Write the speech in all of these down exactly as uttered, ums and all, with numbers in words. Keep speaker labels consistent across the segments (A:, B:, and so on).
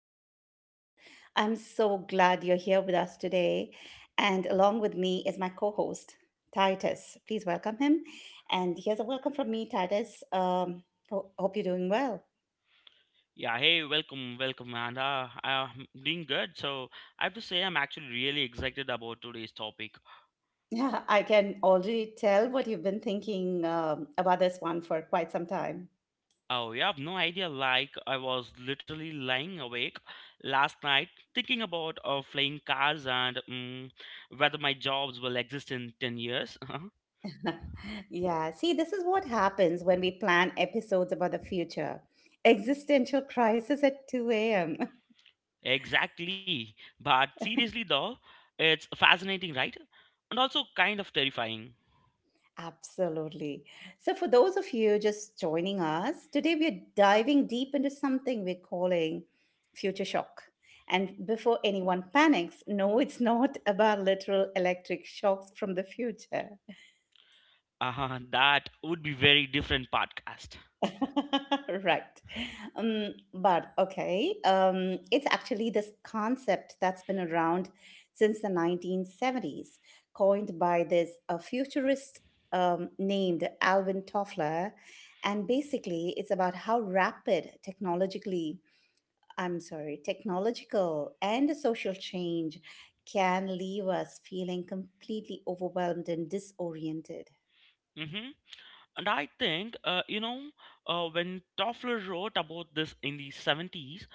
A: another episode. I'm so glad you're here with us today. And along with me is my co host, Titus. Please welcome him. And here's a welcome from me, Titus. Um, ho- hope you're doing well.
B: Yeah, hey, welcome, welcome, and uh, I'm doing good. So I have to say, I'm actually really excited about today's topic.
A: Yeah, I can already tell what you've been thinking um, about this one for quite some time.
B: Oh, you have no idea. Like I was literally lying awake last night, thinking about uh, flying cars and um, whether my jobs will exist in ten years.
A: Yeah, see, this is what happens when we plan episodes about the future. Existential crisis at two a m.
B: Exactly. But seriously, though, it's fascinating, right? And also kind of terrifying.
A: Absolutely. So, for those of you just joining us, today we're diving deep into something we're calling future shock. And before anyone panics, no, it's not about literal electric shocks from the future.
B: Uh, that would be very different podcast.
A: Right. Um, but okay, um, it's actually this concept that's been around since the nineteen seventies, coined by this uh, futurist um, named Alvin Toffler. And basically, it's about how rapid technologically, I'm sorry, technological and social change can leave us feeling completely overwhelmed and disoriented.
B: And I think, uh, you know, uh, when Toffler wrote about this in the seventies,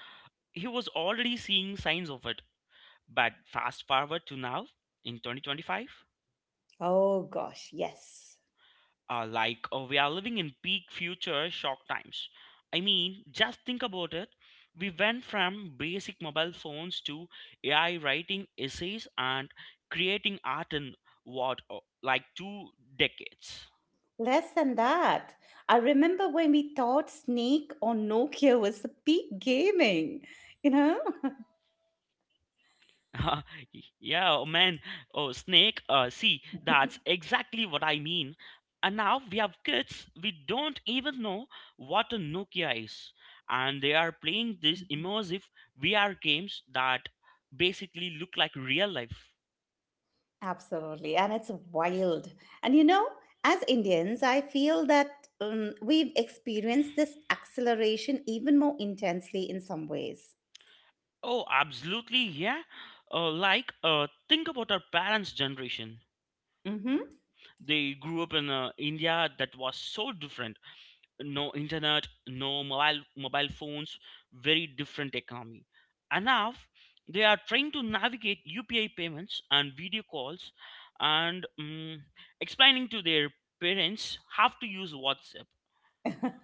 B: he was already seeing signs of it. But fast forward to now, in twenty twenty-five,
A: Oh gosh, yes.
B: uh, like uh, we are living in peak future shock times. I mean, just think about it. We went from basic mobile phones to A I writing essays and creating art in what, uh, like two decades.
A: Less than that. I remember when we thought Snake on Nokia was the peak gaming, you know?
B: Yeah, oh man. Oh, snake. Uh, see, that's exactly what I mean. And now we have kids, we don't even know what a Nokia is. And they are playing these immersive V R games that basically look like real life.
A: Absolutely. And it's wild. And you know, as Indians, I feel that um, we've experienced this acceleration even more intensely in some ways.
B: Oh, absolutely, yeah. Uh, like, uh, think about our parents' generation.
A: Mm-hmm.
B: They grew up in uh, India that was so different, no internet, no mobile mobile phones, very different economy. And now they are trying to navigate U P I payments and video calls, and mm explaining to their parents how to use WhatsApp.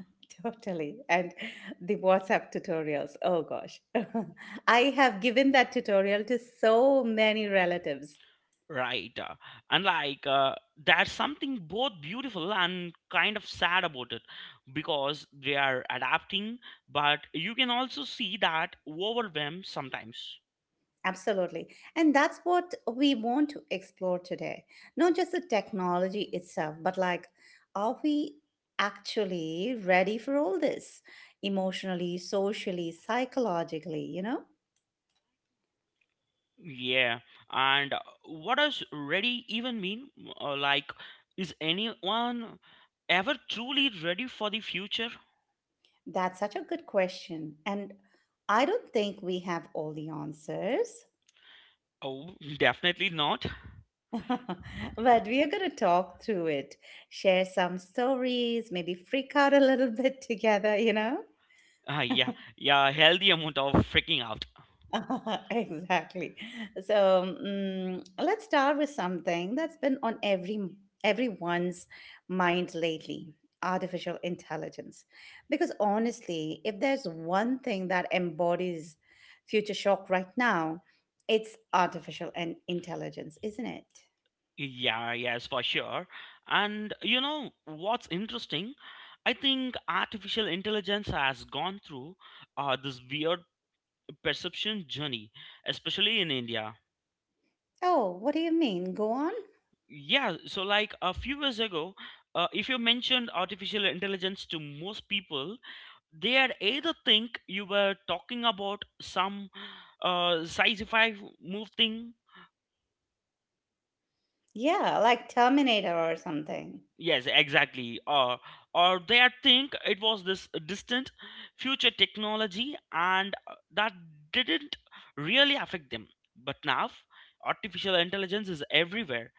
A: Totally. And the WhatsApp tutorials. Oh gosh. I have given that tutorial to so many relatives.
B: Right, uh, and like uh, there's something both beautiful and kind of sad about it because they are adapting, but you can also see that overwhelm sometimes.
A: Absolutely. And that's what we want to explore today. Not just the technology itself, but like, are we actually ready for all this emotionally, socially, psychologically? You know,
B: Yeah, and what does ready even mean? Uh, like, is anyone ever truly ready for the future?
A: that's such a good question. And I don't think we have all the answers.
B: Oh, definitely not.
A: But we are going to talk through it, share some stories, maybe freak out a little bit together, you know?
B: Uh, yeah, yeah, healthy amount of freaking out.
A: Exactly. So mm, let's start with something that's been on every everyone's mind lately, artificial intelligence. Because honestly, if there's one thing that embodies future shock right now, it's artificial and intelligence, isn't it?
B: Yeah, yes, for sure. And you know what's interesting? I think artificial intelligence has gone through uh, this weird perception journey, especially in India.
A: Oh, what do you mean? Go on.
B: Yeah, so like a few years ago, uh, if you mentioned artificial intelligence to most people, they had either think you were talking about some uh, sci-fi move thing.
A: Yeah, like Terminator or something.
B: Yes, exactly. Or or they had think it was this distant future technology, and uh, that didn't really affect them. But now, artificial intelligence is everywhere,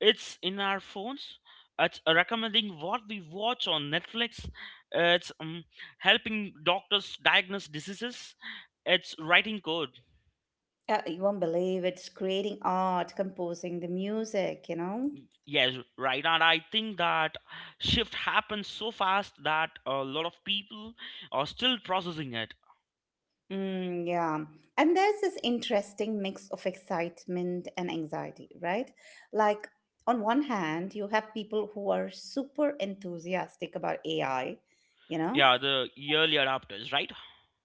B: it's in our phones, it's recommending what we watch on Netflix, it's um, helping doctors diagnose diseases, it's writing code.
A: Uh, you won't believe it's creating art, composing the music, you know?
B: Yes, right, and I think that shift happens so fast that a lot of people are still processing it.
A: Mm, yeah. And there's this interesting mix of excitement and anxiety, right? Like, on one hand, you have people who are super enthusiastic about A I, you know.
B: Yeah, the early adopters, right.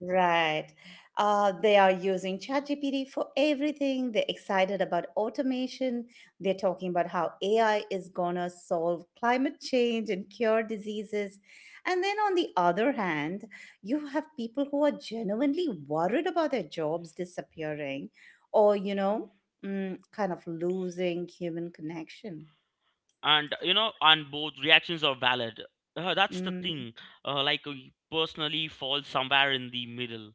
A: Right. Uh, they are using ChatGPT for everything. They're excited about automation. They're talking about how A I is going to solve climate change and cure diseases. And then on the other hand, you have people who are genuinely worried about their jobs disappearing or, you know, mm, kind of losing human connection.
B: And you know, and both reactions are valid. Uh, that's the
A: Mm,
B: thing. uh, like uh, personally fall somewhere in the middle.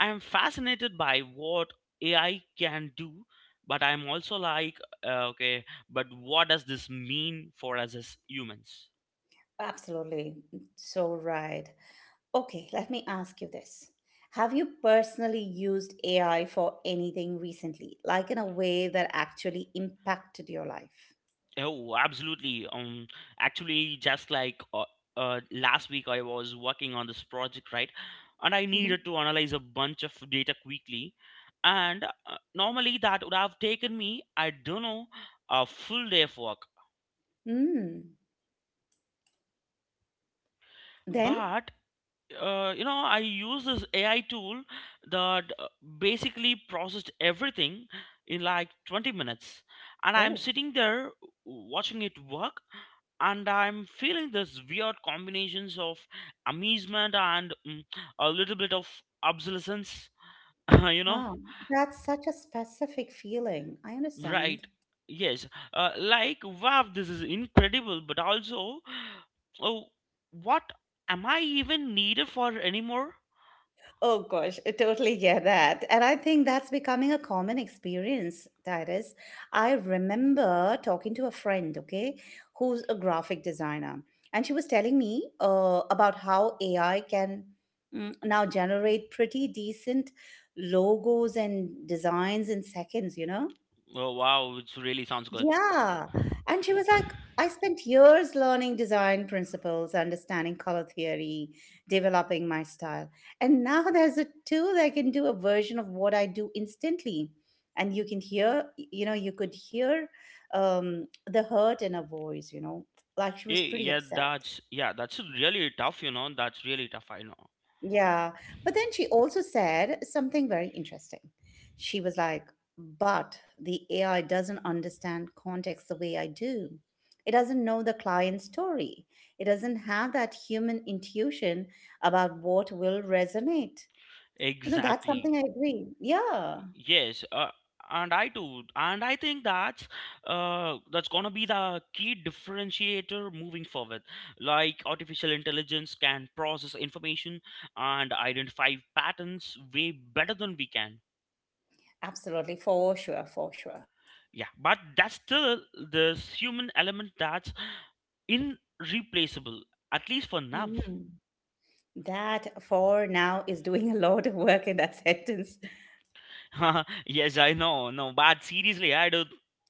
B: I am fascinated by what AI can do, but I'm also like, uh, okay, but what does this mean for us as humans?
A: absolutely. So right. Okay, let me ask you this. Have you personally used A I for anything recently, like in a way that actually impacted your life?
B: Oh, absolutely. Um, actually, just like uh, uh, last week, I was working on this project, right? And I
A: Hmm.
B: needed to analyze a bunch of data quickly. And uh, normally, that would have taken me, I don't know, a full day of work.
A: Mm. Then?
B: But uh, you know I use this AI tool that uh, basically processed everything in like twenty minutes, and I'm
A: Oh,
B: sitting there watching it work, and I'm feeling this weird combinations of amusement and mm, a little bit of obsolescence, you know,
A: wow. That's such a specific feeling. I understand.
B: right, yes. Uh, like wow, this is incredible, but also oh, what am I even needed for anymore?
A: Oh gosh, I totally get that. And I think that's becoming a common experience, Titus. I remember talking to a friend, okay, who's a graphic designer. And she was telling me uh, about how A I can mm, now generate pretty decent logos and designs in seconds, you know?
B: Oh wow, it really sounds good.
A: Yeah.
B: Yeah,
A: And she was like, I spent years learning design principles, understanding color theory, developing my style. And now there's a tool that can do a version of what I do instantly. And you can hear, you know, you could hear um, the hurt in her voice, you know, like she was pretty
B: yeah,
A: upset.
B: that's yeah, that's really tough, you know. That's really tough, I know.
A: Yeah. But then she also said something very interesting. She was like, but the A I doesn't understand context the way I do. It doesn't know the client's story. It doesn't have that human intuition about what will resonate. You know, that's
B: Exactly.
A: something I agree. Yeah,
B: Yes, uh, and I too, and I think that's uh, that's gonna be the key differentiator moving forward. Like artificial intelligence can process information and identify patterns way better than we can.
A: absolutely. For sure. For sure.
B: Yeah, but that's still this human element that's irreplaceable, at least for now.
A: Mhm. That for now is doing a lot of work in that sentence.
B: Yes, I know. No, but seriously, I do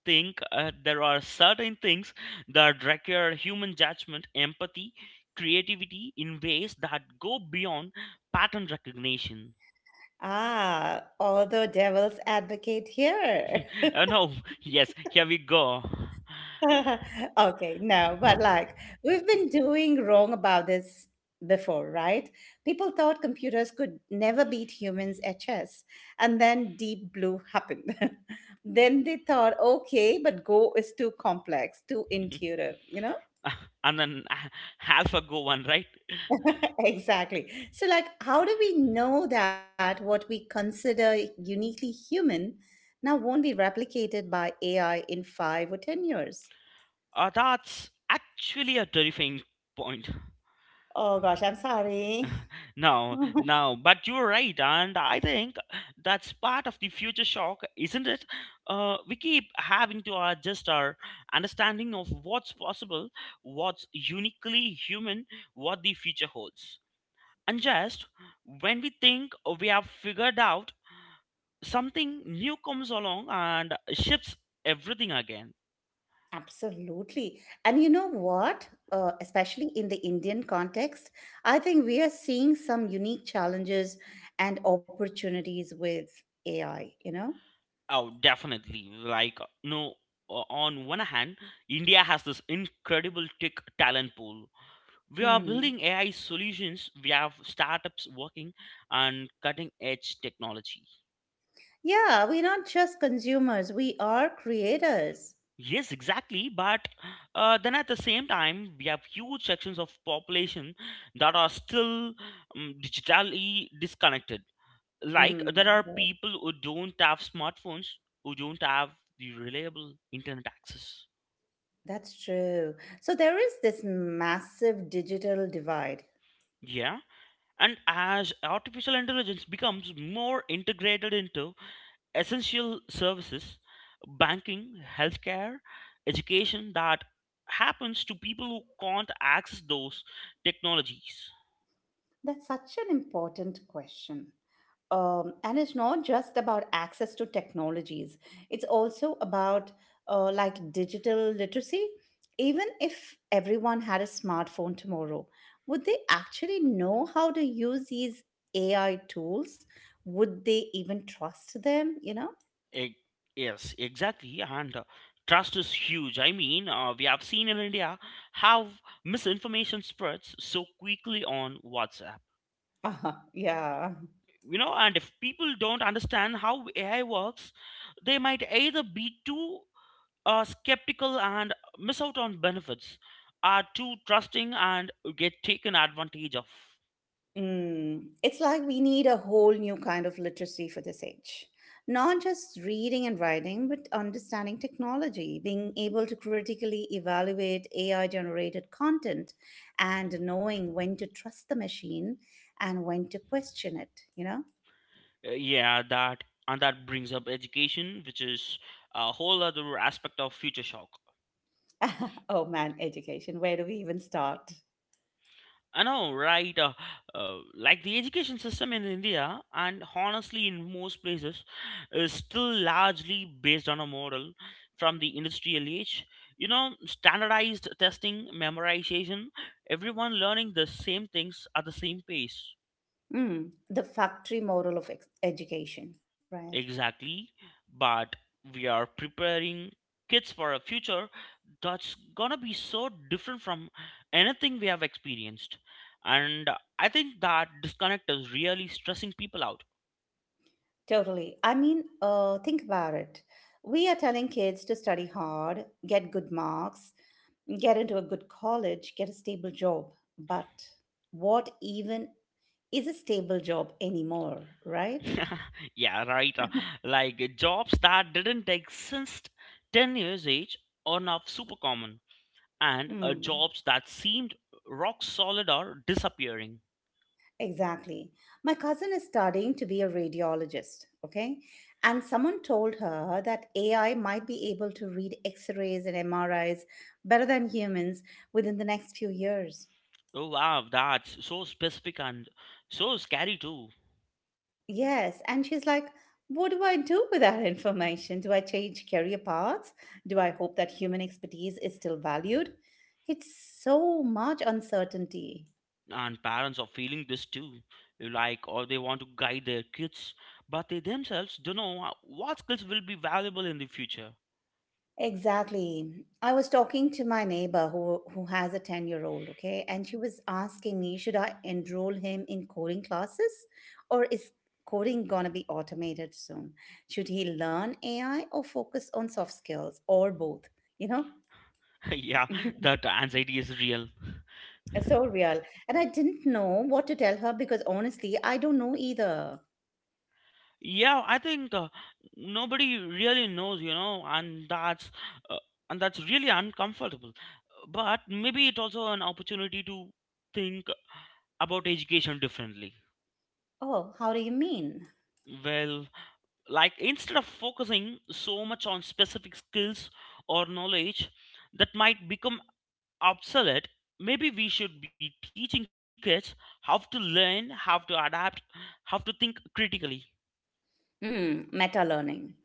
B: think uh, there are certain things that require human judgment, empathy, creativity in ways that go beyond pattern recognition.
A: Ah, all the devil's advocate here.
B: Uh, no, yes, here we go.
A: Okay, no, but like we've been doing wrong about this before, right? People thought computers could never beat humans at chess, and then Deep Blue happened. Then they thought, okay, but Go is too complex, too intuitive, you know?
B: And then uh, half a go one, right?
A: Exactly. So, like, how do we know that what we consider uniquely human now won't be replicated by A I in five or ten years?
B: Uh, that's actually a terrifying point.
A: Oh gosh, I'm sorry.
B: No, no, but you're right, and I think that's part of the future shock, isn't it? Uh, we keep having to adjust our understanding of what's possible, what's uniquely human, what the future holds. And just when we think we have figured out, something new comes along and shifts everything again.
A: Absolutely. And you know what? Uh, especially in the Indian context, I think we are seeing some unique challenges and opportunities with A I, you know?
B: Oh, definitely. Like, no, o- on one hand, India has this incredible tech talent pool, we are building
A: Hmm.
B: A I solutions. We have startups working on cutting edge technology.
A: Yeah, we're not just consumers, we are creators.
B: Yes, exactly. But uh, then at the same time, we have huge sections of population that are still um, digitally disconnected. Like
A: Mm,
B: there are
A: right.
B: people who don't have smartphones, who don't have the reliable internet access.
A: That's true. So there is this massive digital divide.
B: Yeah, and as artificial intelligence becomes more integrated into essential services, banking, healthcare, education, that happens to people who can't access those technologies.
A: That's such an important question. Um, and it's not just about access to technologies, it's also about uh, like digital literacy. Even if everyone had a smartphone tomorrow, would they actually know how to use these A I tools? Would they even trust them? You know?
B: E- yes, exactly. And uh, trust is huge. I mean, uh, we have seen in India how misinformation spreads so quickly on WhatsApp.
A: Uh-huh, yeah.
B: You know, and if people don't understand how A I works, they might either be too are skeptical and miss out on benefits, are too trusting and get taken advantage of.
A: Mm, it's like we need a whole new kind of literacy for this age. Not just reading and writing, but understanding technology, being able to critically evaluate A I generated content, and knowing when to trust the machine and when to question it, you know?
B: Uh, yeah, that, and that brings up education, which is a whole other aspect of future shock.
A: Oh man, education, where do we even start?
B: I know, right? Uh, uh, like the education system in India, and honestly in most places, is still largely based on a model from the industrial age. You know, standardized testing, memorization, everyone learning the same things at the same pace.
A: Mm, the factory model of ex- education, right?
B: Exactly, but we are preparing kids for a future that's gonna be so different from anything we have experienced. And I think that disconnect is really stressing people out.
A: Totally. I mean, uh, think about it. We are telling kids to study hard, get good marks, get into a good college, get a stable job. But what even is a stable job anymore, right?
B: Yeah, right. uh, Like jobs that didn't exist ten years age are now super common, and uh,
A: Hmm.
B: jobs that seemed rock solid are disappearing.
A: Exactly. My cousin is studying to be a radiologist, okay? And someone told her that A I might be able to read x rays and M R Is better than humans within the next few years.
B: Oh wow, that's so specific and so scary too.
A: Yes, and she's like, what do I do with that information? Do I change career paths? Do I hope that human expertise is still valued? It's so much uncertainty.
B: And parents are feeling this too, like or they want to guide their kids, but they themselves don't know what skills will be valuable in the future.
A: Exactly. I was talking to my neighbor who who has a ten-year-old, okay? And she was asking me, should I enroll him in coding classes or is coding going to be automated soon? Should he learn A I or focus on soft skills or both, you know?
B: Yeah, that anxiety is real.
A: So real. And I didn't know what to tell her because honestly, I don't know either.
B: Yeah, I think uh, nobody really knows, you know, and that's uh, and that's really uncomfortable, but maybe it's also an opportunity to think about education differently.
A: Oh, how do you mean?
B: Well, like instead of focusing so much on specific skills or knowledge that might become obsolete, maybe we should be teaching kids how to learn, how to adapt, how to think critically.
A: Mm, meta learning.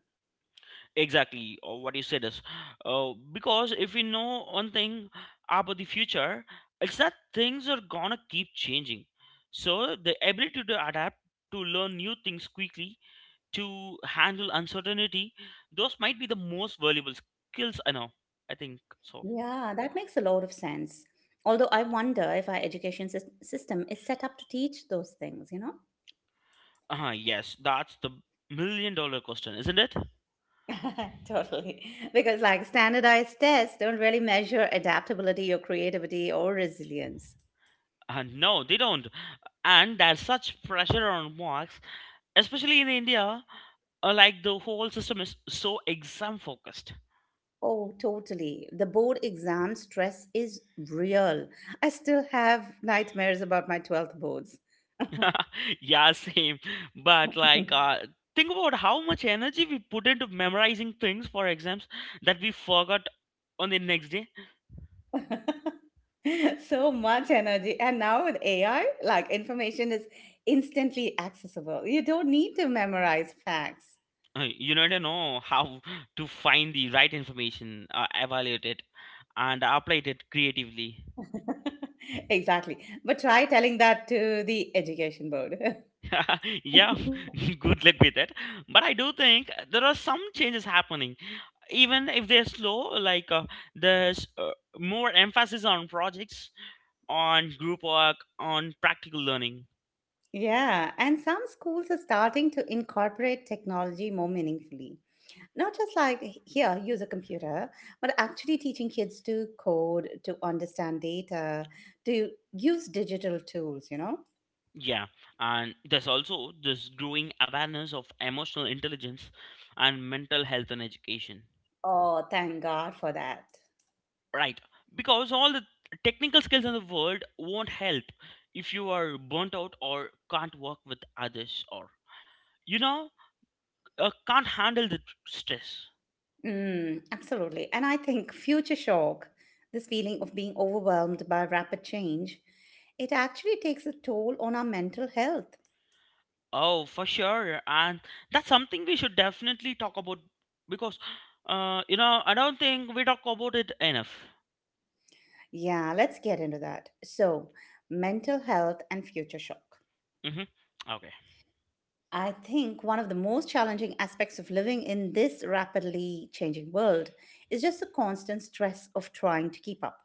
B: Exactly, uh, what you said is, uh, because if we know one thing about the future, it's that things are gonna keep changing. So the ability to adapt, to learn new things quickly, to handle uncertainty, those might be the most valuable skills. I know, I think so.
A: Yeah, that makes a lot of sense. Although I wonder if our education sys- system is set up to teach those things, you know?
B: Uh huh. Yes, that's the million dollar question, isn't it?
A: Totally. Because like standardized tests don't really measure adaptability or creativity or resilience.
B: Uh, no, they don't. And there's such pressure on marks, especially in India. Uh, like the whole system is so exam focused.
A: Oh, totally. The board exam stress is real. I still have nightmares about my twelfth boards.
B: Yeah, same. But like, uh, think about how much energy we put into memorizing things for exams that we forgot on the next day.
A: So much energy. And now with A I, like information is instantly accessible. You don't need to memorize facts.
B: Uh, you need to know how to find the right information, uh, evaluate it, and apply it creatively.
A: Exactly. But try telling that to the education board.
B: Yeah, good luck with that. But I do think there are some changes happening even if they're slow, like uh, there's uh, more emphasis on projects, on group work, on practical learning.
A: Yeah. And some schools are starting to incorporate technology more meaningfully. Not just like here use a computer, but actually teaching kids to code, to understand data, to use digital tools, you know?
B: Yeah, and there's also this growing awareness of emotional intelligence and mental health in education,
A: Oh thank god for that.
B: right, because all the technical skills in the world won't help if you are burnt out or can't work with others, or you know, uh, can't handle the stress.
A: Mm, absolutely. And I think future shock, this feeling of being overwhelmed by rapid change, it actually takes a toll on our mental health.
B: Oh, for sure. And that's something we should definitely talk about because, uh, you know, I don't think we talk about it enough.
A: Yeah, let's get into that. So mental health and future shock.
B: Hmm. Okay.
A: I think one of the most challenging aspects of living in this rapidly changing world is just the constant stress of trying to keep up.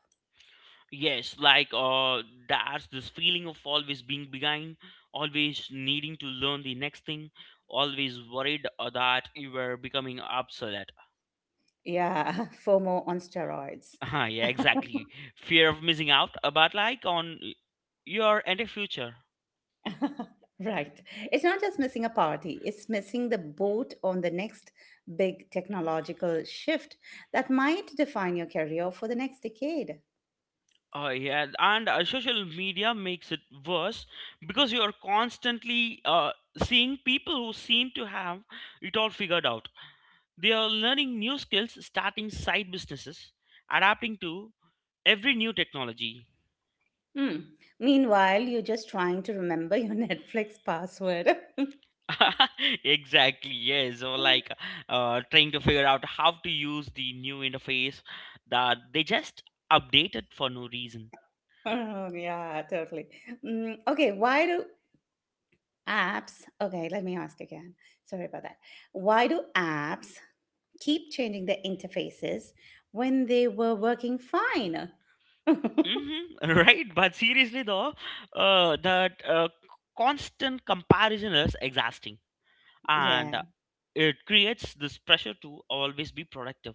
B: Yes, like uh, that's this feeling of always being behind, always needing to learn the next thing, always worried uh, that you were becoming obsolete.
A: Yeah, FOMO on steroids.
B: Uh, yeah, exactly. Fear of missing out, but like on y- your entire future.
A: Right. It's not just missing a party, it's missing the boat on the next big technological shift that might define your career for the next decade.
B: Uh, yeah, and uh, social media makes it worse because you are constantly uh, seeing people who seem to have it all figured out. They are learning new skills, starting side businesses, adapting to every new technology.
A: Hmm. Meanwhile, you're just trying to remember your Netflix password.
B: Exactly, yes. Or like uh, trying to figure out how to use the new interface that they just updated for no reason.
A: Oh, yeah, totally. Mm, okay, why do Apps. Okay, let me ask again. Sorry about that. Why do apps keep changing their interfaces when they were working fine?
B: Mm-hmm, right, but seriously though, uh, that uh, constant comparison is exhausting, and
A: Yeah.
B: uh, it creates this pressure to always be productive,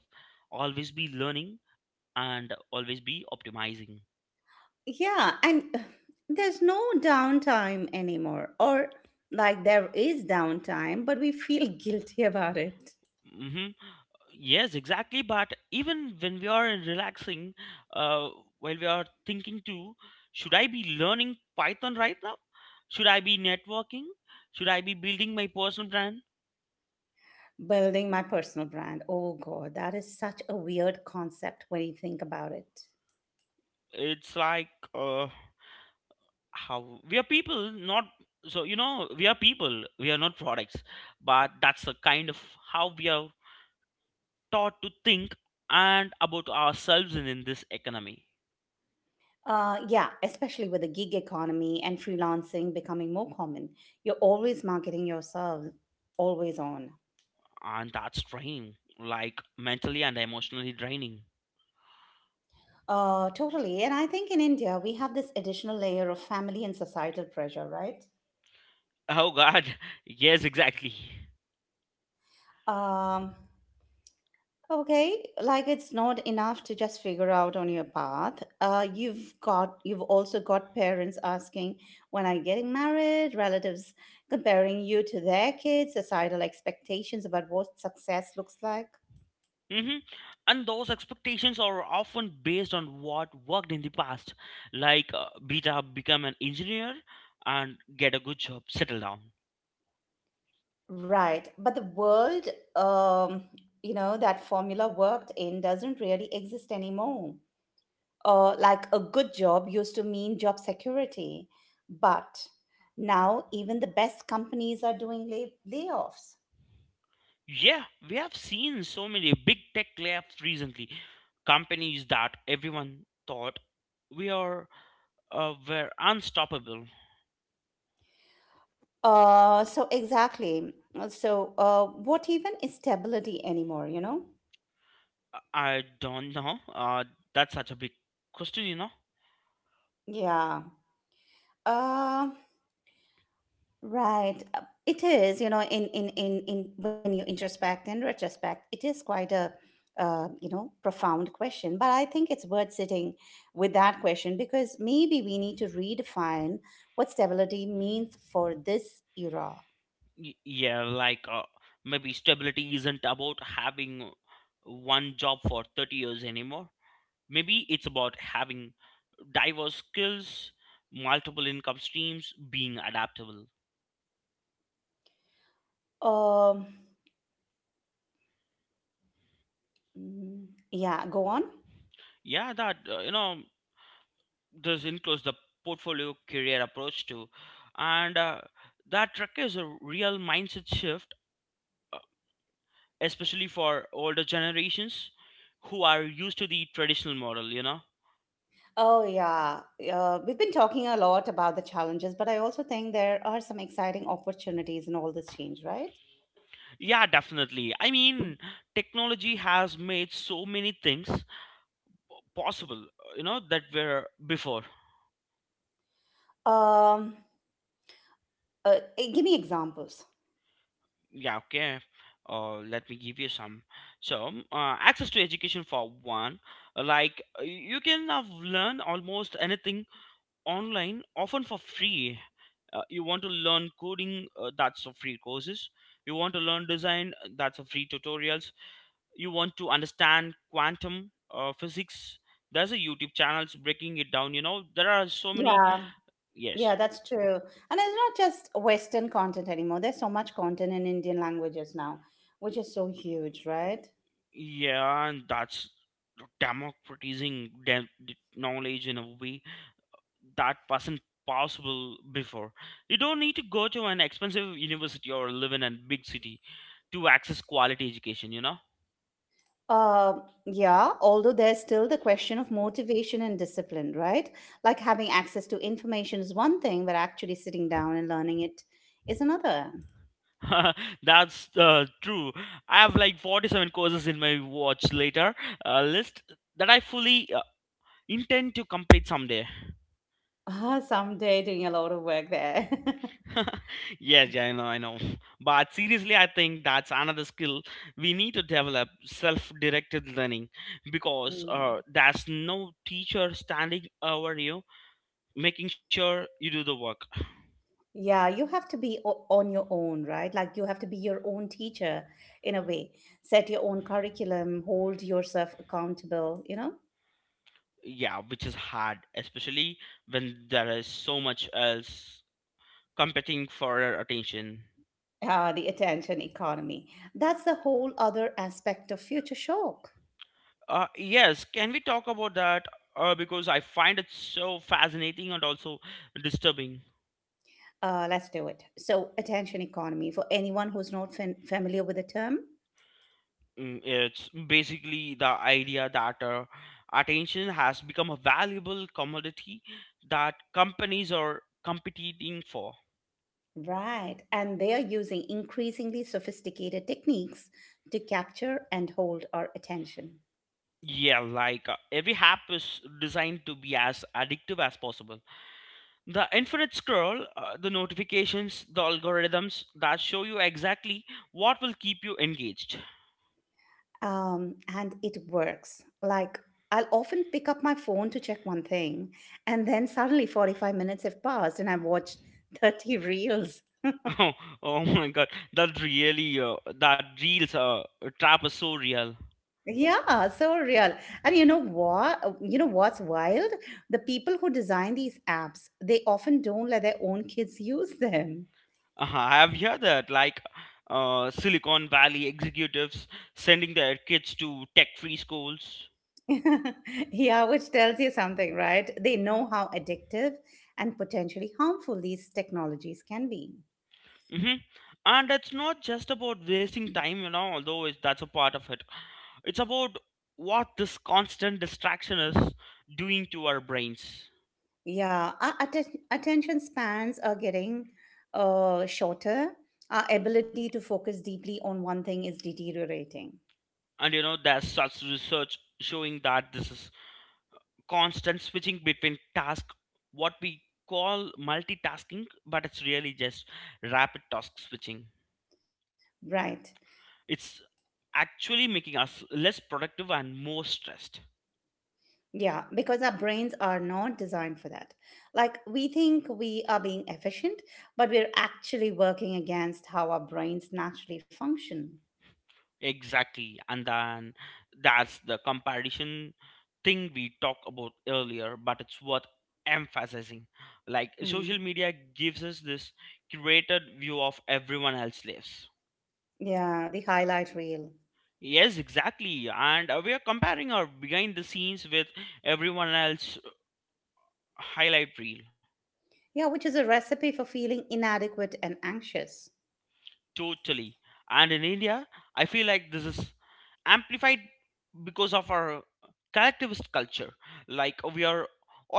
B: always be learning, and always be optimizing.
A: Yeah, and ugh, there's no downtime anymore, or like there is downtime but we feel guilty about it.
B: Mm-hmm. Yes, exactly. But even when we are relaxing, uh, while we are thinking too, should I be learning Python right now? Should I be networking? Should I be building my personal brand?
A: Building my personal brand. Oh god, that is such a weird concept when you think about it.
B: It's like uh, how we are people not so you know we are people we are not products, but that's the kind of how we are taught to think and about ourselves in, in this economy,
A: Uh, yeah, especially with the gig economy and freelancing becoming more common, you're always marketing yourself, always on.
B: and that's draining, like mentally and emotionally draining.
A: Uh, totally. And I think in India, we have this additional layer of family and societal pressure, right?
B: Oh god, yes, exactly.
A: Um, okay, like it's not enough to just figure out on your path. Uh, you've got, you've also got parents asking, when are you getting married? Relatives comparing you to their kids, societal expectations about what success looks like.
B: Hmm. And those expectations are often based on what worked in the past, like uh, beta become an engineer and get a good job, settle down.
A: Right. But the world, um, you know, that formula worked in doesn't really exist anymore. Uh, like a good job used to mean job security. But now even the best companies are doing lay- layoffs.
B: Yeah, we have seen so many big tech layoffs recently. Companies that everyone thought we are uh, were unstoppable.
A: Uh, so exactly. So uh, what even is stability anymore, you know?
B: I don't know. Uh, that's such a big question, you know.
A: Yeah. Um Right. Uh, It is, you know, in in in in when you introspect and retrospect, it is quite a uh, you know, profound question. But I think it's worth sitting with that question because maybe we need to redefine what stability means for this era.
B: Y- yeah, like uh, maybe stability isn't about having one job for thirty years anymore. Maybe it's about having diverse skills, multiple income streams, being adaptable.
A: Um, mm, yeah, go on.
B: Yeah, that uh, you know this includes the portfolio career approach too, and uh, that requires a real mindset shift, uh, especially for older generations who are used to the traditional model, you know.
A: Oh yeah, uh, we've been talking a lot about the challenges, but I also think there are some exciting opportunities in all this change, right?
B: Yeah, definitely, I mean technology has made so many things possible, you know, that were before.
A: Um, uh, Give me examples.
B: Yeah, okay, uh, let me give you some. So um, uh, access to education for one. Like uh, you can have learn almost anything online, often for free. Uh, you want to learn coding, uh, that's for free courses. You want to learn design, uh, that's for free tutorials. You want to understand quantum uh, physics, there's a YouTube channels breaking it down, you know, there are so many.
A: Yeah,
B: Yes.
A: Yeah, that's true. And it's not just Western content anymore. There's so much content in Indian languages now, which is so huge, right?
B: Yeah, and that's democratizing dem- knowledge in a way that wasn't possible before. You don't need to go to an expensive university or live in a big city to access quality education, you know.
A: Uh, yeah, although there's still the question of motivation and discipline, right? Like, having access to information is one thing, but actually sitting down and learning it is another.
B: That's uh, true. I have like forty-seven courses in my watch later uh, list that I fully uh, intend to complete someday.
A: Ah, someday doing a lot of work there.
B: Yes, yeah, I know, I know. But seriously, I think that's another skill we need to develop, self directed learning, because uh,
A: Mm.
B: there's no teacher standing over you making sure you do the work.
A: Yeah, you have to be o- on your own, right? Like, you have to be your own teacher in a way. Set your own curriculum, hold yourself accountable, you know?
B: Yeah, which is hard, especially when there is so much else competing for our attention.
A: Uh, the attention economy. That's the whole other aspect of future shock.
B: Uh, yes, can we talk about that? Uh, because I find it so fascinating and also disturbing.
A: Uh, let's do it. So, attention economy for anyone who's not fam- familiar with the term.
B: Mm, it's basically the idea that uh, attention has become a valuable commodity that companies are competing for.
A: Right. And they are using increasingly sophisticated techniques to capture and hold our attention.
B: Yeah, like uh, every app is designed to be as addictive as possible. The infinite scroll, uh, the notifications, the algorithms that show you exactly what will keep you engaged.
A: Um, and it works. Like, I'll often pick up my phone to check one thing, and then suddenly forty-five minutes have passed, and I've watched thirty reels.
B: Oh, oh my god, that really, uh, that reels uh, trap is so real.
A: Yeah, so real. And you know what? uh, You know what's wild? The people who design these apps, they often don't let their own kids use them.
B: Uh, I have heard that, like, uh, Silicon Valley executives sending their kids to tech-free schools.
A: Yeah, which tells you something, right? They know how addictive and potentially harmful these technologies can be.
B: Hmm. And it's not just about wasting time, you know, although it's, that's a part of it. It's about what this constant distraction is doing to our brains.
A: Yeah, our atten- attention spans are getting uh, shorter. Our ability to focus deeply on one thing is deteriorating.
B: And you know, there's such research showing that this is constant switching between tasks, what we call multitasking, but it's really just rapid task switching.
A: Right.
B: It's actually making us less productive and more stressed.
A: Yeah, because our brains are not designed for that. Like, we think we are being efficient, but we're actually working against how our brains naturally function.
B: Exactly. And then that's the comparison thing we talked about earlier, but it's worth emphasizing. Like social
A: Mm.
B: media gives us this curated view of everyone else's lives.
A: Yeah, the highlight reel.
B: Yes, exactly. And uh, we are comparing our behind the scenes with everyone else highlight reel.
A: Yeah, which is a recipe for feeling inadequate and anxious.
B: Totally. And in India, I feel like this is amplified because of our collectivist culture. Like we are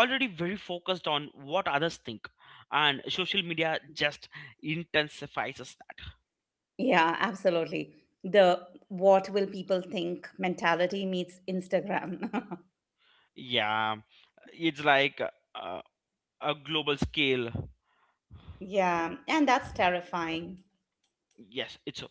B: already very focused on what others think, and social media just intensifies that.
A: Yeah, absolutely. The what will people think mentality meets Instagram.
B: Yeah, it's like uh, a global scale.
A: Yeah, and that's terrifying.
B: Yes, it's,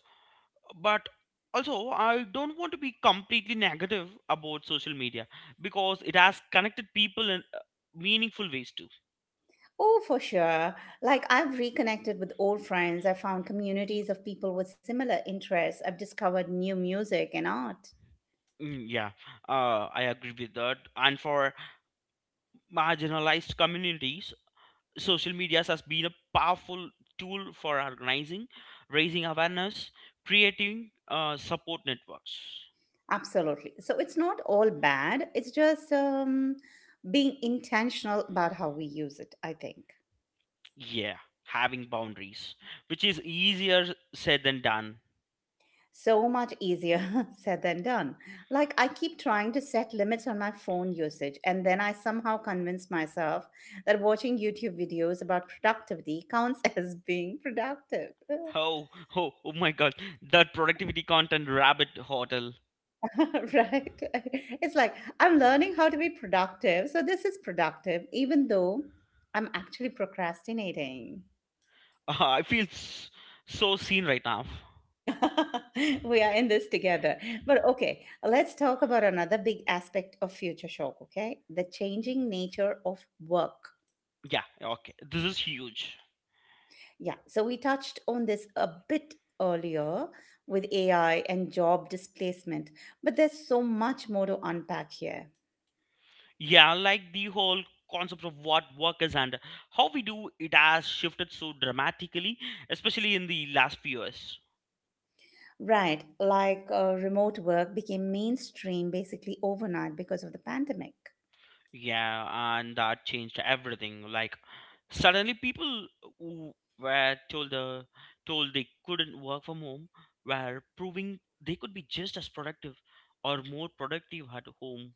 B: but also I don't want to be completely negative about social media because it has connected people in uh, meaningful ways too.
A: Oh, for sure. Like, I've reconnected with old friends. I found communities of people with similar interests. I've discovered new music and art.
B: Mm, yeah, uh, I agree with that. And for marginalized communities, social media has been a powerful tool for organizing, raising awareness, creating uh, support networks.
A: Absolutely. So, it's not all bad. It's just um, being intentional about how we use it, I think.
B: Yeah, having boundaries, which is easier said than done.
A: So much easier said than done. Like, I keep trying to set limits on my phone usage, and then I somehow convince myself that watching YouTube videos about productivity counts as being productive.
B: Oh, oh, oh my God, that productivity content rabbit hotel.
A: Right? It's like, I'm learning how to be productive, so this is productive, even though I'm actually procrastinating.
B: I feel s- so seen right now.
A: We are in this together. But okay, let's talk about another big aspect of future shock, okay? The changing nature of work.
B: Yeah, okay, this is huge.
A: Yeah, so we touched on this a bit earlier with A I and job displacement, but there's so much more to unpack here.
B: Yeah, like the whole concept of what work is and how we do it has shifted so dramatically, especially in the last few years.
A: Right, like, uh, remote work became mainstream basically overnight because of the pandemic.
B: Yeah, and that changed everything. Like suddenly people who were told the told they couldn't work from home were proving they could be just as productive or more productive at home.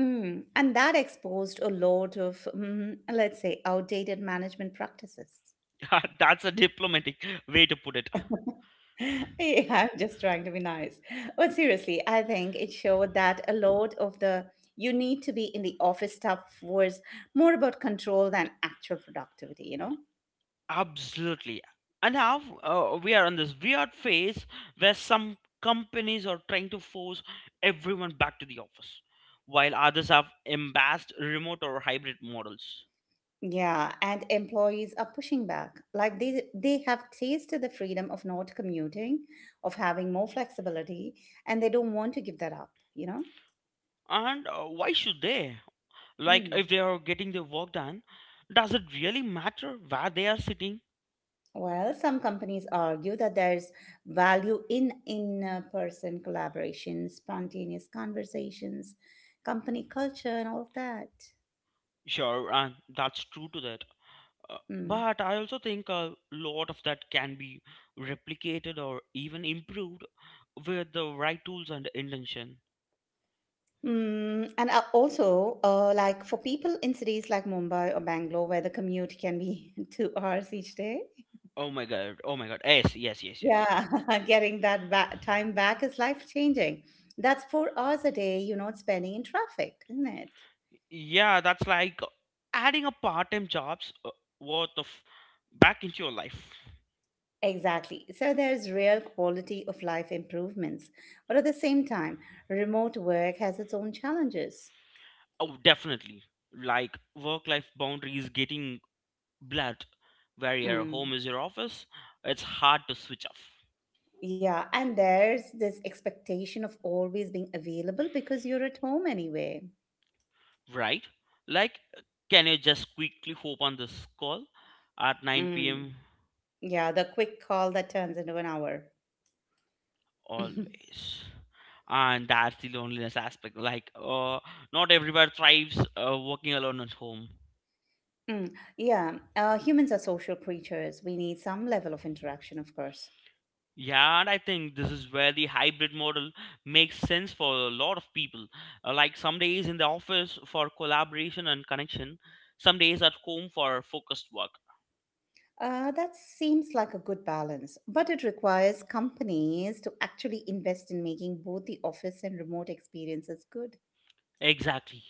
A: Mm, and that exposed a lot of, mm, let's say, outdated management practices.
B: That's a diplomatic way to put it.
A: Yeah, I'm just trying to be nice. But seriously, I think it showed that a lot of the you need to be in the office stuff was more about control than actual productivity, you know?
B: Absolutely. And now uh, we are on this weird phase where some companies are trying to force everyone back to the office, while others have embraced remote or hybrid models.
A: Yeah, and employees are pushing back. Like, they they have tasted the freedom of not commuting, of having more flexibility, and they don't want to give that up, you know?
B: And uh, why should they? Like,
A: Hmm.
B: if they are getting their work done, does it really matter where they are sitting?
A: Well, some companies argue that there's value in in person collaboration, spontaneous conversations, company culture, and all of that.
B: Sure, and that's true to that. Uh,
A: Mm.
B: but I also think a lot of that can be replicated or even improved with the right tools and intention.
A: Mm, and uh, also, uh, like for people in cities like Mumbai or Bangalore, where the commute can be two hours each day,
B: Oh my god. Oh my god. Yes, yes, yes, yes.
A: yeah, getting that ba- time back is life changing. That's four hours a day, you know, spending in traffic, isn't it?
B: Yeah, that's like adding a part-time job's uh, worth of back into your life.
A: Exactly. So there's real quality of life improvements. But at the same time, remote work has its own challenges.
B: Oh, definitely. Like work-life boundaries getting blurred, where your home
A: Mm.
B: is your office, it's hard to switch off,
A: Yeah, and there's this expectation of always being available because you're at home anyway.
B: right? Like can you just quickly hop on this call at 9
A: Mm.
B: p.m.
A: Yeah, the quick call that turns into an hour.
B: always? And that's the loneliness aspect. Like, uh, not everybody thrives uh, working alone at home.
A: Mm. Yeah, uh, humans are social creatures. We need some level of interaction, of course.
B: Yeah, and I think this is where the hybrid model makes sense for a lot of people. Uh, like some days in the office for collaboration and connection, some days at home for focused work.
A: Uh, that seems like a good balance, but it requires companies to actually invest in making both the office and remote experiences good.
B: Exactly.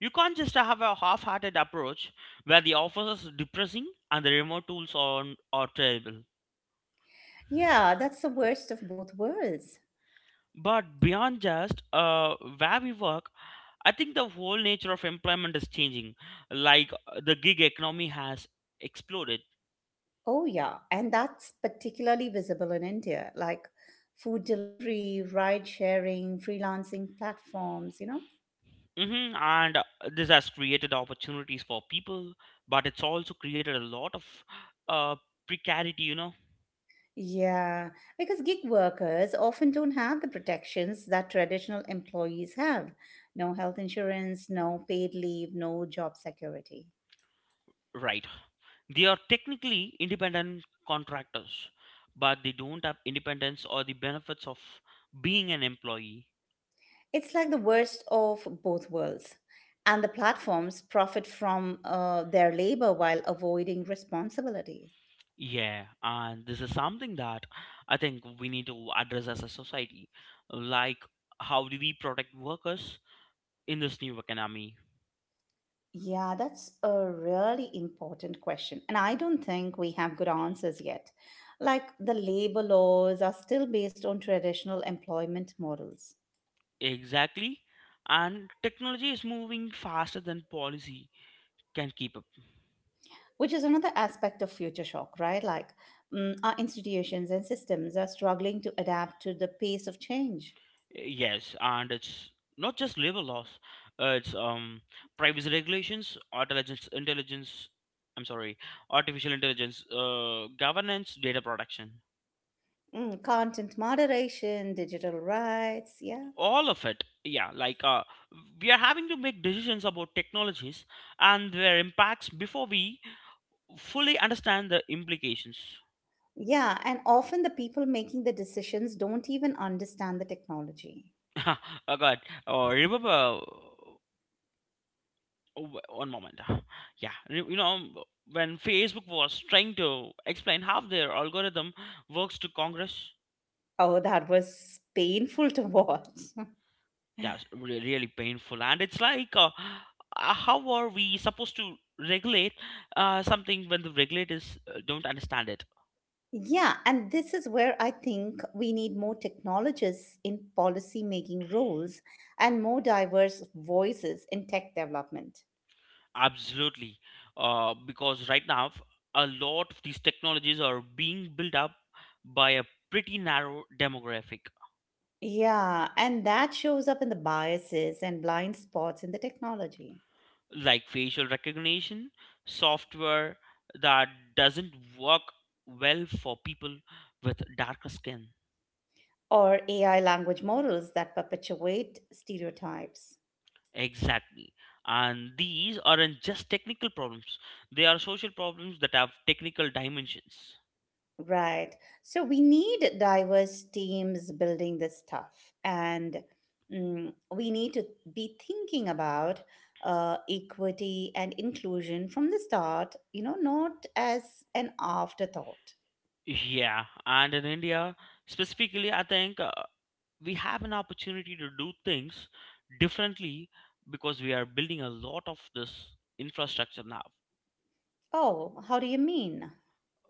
B: You can't just have a half hearted approach where the office is depressing and the remote tools are, are terrible.
A: Yeah, that's the worst of both worlds.
B: But beyond just uh, where we work, I think the whole nature of employment is changing. Like uh, the gig economy has exploded.
A: Oh, yeah, and that's particularly visible in India, like food delivery, ride sharing, freelancing platforms, you know?
B: Hmm. And uh, this has created opportunities for people, but it's also created a lot of uh, precarity, you know.
A: Yeah, because gig workers often don't have the protections that traditional employees have. No health insurance, no paid leave, no job security.
B: Right. They are technically independent contractors, but they don't have independence or the benefits of being an employee.
A: It's like the worst of both worlds. And the platforms profit from uh, their labor while avoiding responsibility.
B: Yeah, and this is something that I think we need to address as a society. Like, how do we protect workers in this new economy?
A: Yeah, that's a really important question. And I don't think we have good answers yet. Like, the labor laws are still based on traditional employment models,
B: Exactly. And technology is moving faster than policy can keep up.
A: which is another aspect of future shock, right? Like, mm, our institutions and systems are struggling to adapt to the pace of change.
B: Yes, and it's not just labor laws. Uh, it's um privacy regulations, intelligence, intelligence. I'm sorry, artificial intelligence, uh, governance, data protection.
A: Mm, content moderation, digital rights, yeah.
B: All of it. Yeah, like uh, we are having to make decisions about technologies and their impacts before we fully understand the implications.
A: Yeah, and often the people making the decisions don't even understand the technology.
B: Oh God! Oh, remember. Oh, w- one moment. Yeah, you you know, um, when Facebook was trying to explain how their algorithm works to Congress,
A: Oh, that was painful to watch.
B: yeah, re- really painful. And it's like, uh, uh, how are we supposed to regulate uh, something when the regulators uh, don't understand it?
A: Yeah, and this is where I think we need more technologists in policy making roles and more diverse voices in tech development.
B: Absolutely. Uh, because right now, f- a lot of these technologies are being built up by a pretty narrow demographic,
A: Yeah, and that shows up in the biases and blind spots in the technology
B: like facial recognition software that doesn't work well for people with darker skin.
A: or A I language models that perpetuate stereotypes.
B: Exactly, and these aren't just technical problems, they are social problems that have technical dimensions.
A: Right. So we need diverse teams building this stuff, and mm, we need to be thinking about uh, equity and inclusion from the start, you know, not as an afterthought.
B: Yeah, and in India specifically, I think uh, we have an opportunity to do things differently because we are building a lot of this infrastructure now.
A: Oh, how do you mean?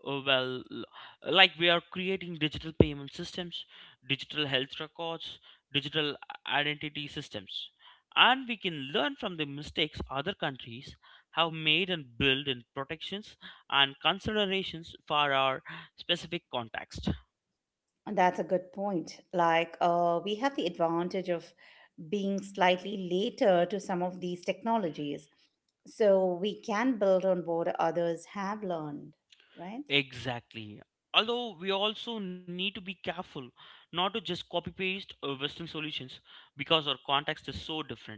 B: Uh, well, uh, like we are creating digital payment systems, digital health records, digital identity systems, and we can learn from the mistakes other countries have made and build in protections and considerations for our specific context.
A: That's a good point. Like, uh, we have the advantage of being slightly later to some of these technologies. So we can build on what others have learned, right?
B: Exactly, although we also need to be careful not to just copy paste uh, western solutions because our context is so different.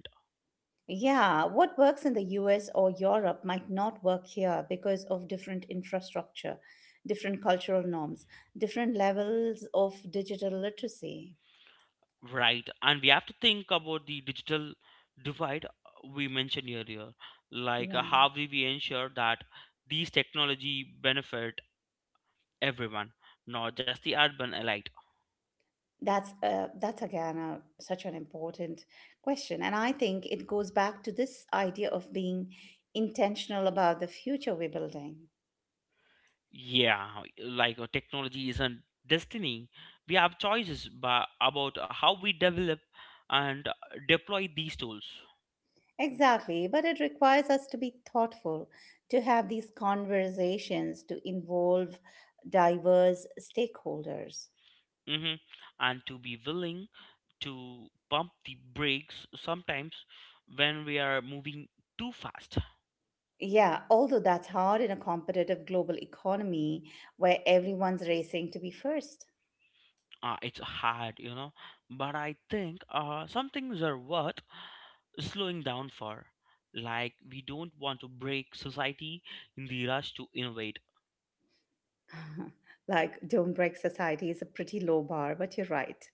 A: Yeah, what works in the U S or Europe might not work here because of different infrastructure, different cultural norms, different levels of digital literacy.
B: Right, and we have to think about the digital divide uh, we mentioned earlier, like uh,
A: Yeah,
B: how we we ensure that these technology benefit everyone, not just the urban elite.
A: that's uh, that's again a, such an important question, and I think it goes back to this idea of being intentional about the future we're building.
B: Yeah, like uh, technology isn't destiny. We have choices ba- about how we develop and uh, deploy these tools.
A: Exactly, but it requires us to be thoughtful, to have these conversations, to involve diverse stakeholders.
B: Hmm. And to be willing to pump the brakes sometimes when we are moving too fast.
A: Yeah, although that's hard in a competitive global economy where everyone's racing to be first.
B: Uh, it's hard, you know. But I think uh, some things are worth slowing down for. Like, we don't want to break society in the rush to innovate.
A: Like, don't break society is a pretty low bar, but you're right.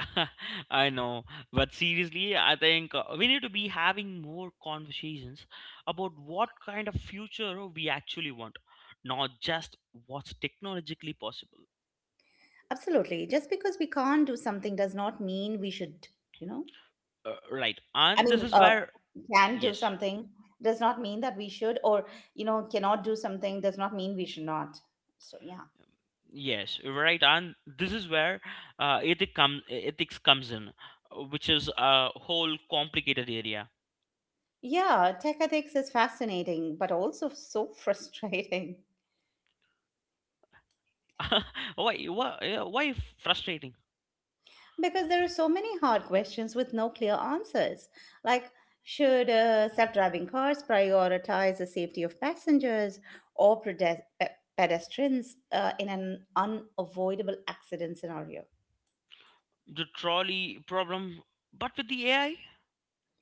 B: I know, but seriously, I think uh, we need to be having more conversations about what kind of future we actually want, not just what's technologically possible.
A: Absolutely. Just because we can't do something does not mean we should, you know?
B: Uh, right,
A: I
B: and this
A: mean,
B: is
A: uh,
B: where,
A: can do
B: yes.
A: something does not mean that we should, or you know, cannot do something does not mean we should not. So yeah,
B: Yes, right, and this is where uh, ethic come, ethics comes in, uh, which is a whole complicated area.
A: yeah, tech ethics is fascinating, but also so frustrating
B: why, why, yeah, why frustrating?
A: because there are so many hard questions with no clear answers. Like, should uh, self-driving cars prioritize the safety of passengers or pedes- pe- pedestrians uh, in an unavoidable accident scenario?
B: The trolley problem, but with the A I?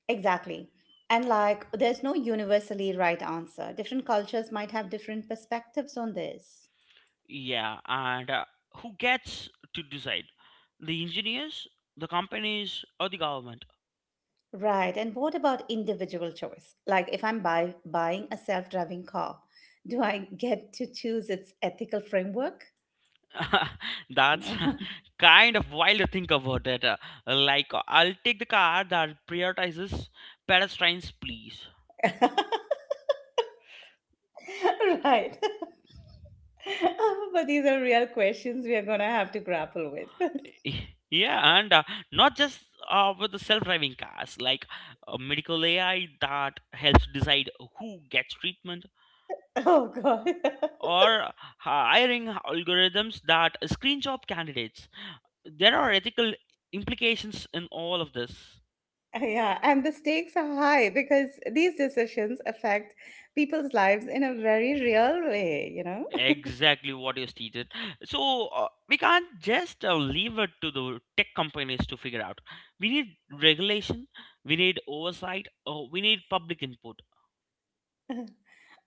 A: Exactly. And like, there's no universally right answer. Different cultures might have different perspectives on this.
B: Yeah, and uh, who gets to decide? The engineers, the companies, or the government?
A: Right. And what about individual choice? Like, if I'm buy- buying a self driving car, do I get to choose its ethical framework?
B: That's
A: No.
B: kind of wild to think about it. uh, Like, I'll take the car that prioritizes pedestrians, please.
A: Right. But these are real questions we are going to have to grapple with.
B: Yeah, and uh, not just uh, with the self-driving cars, like uh, medical A I that helps decide who gets treatment,
A: Oh, God.
B: or uh, hiring algorithms that screen job candidates. There are ethical implications in all of this.
A: Yeah. And the stakes are high because these decisions affect people's lives in a very real way, you know?
B: Exactly what you stated. So uh, we can't just uh, leave it to the tech companies to figure out. We need regulation. We need oversight. Uh, we need public input.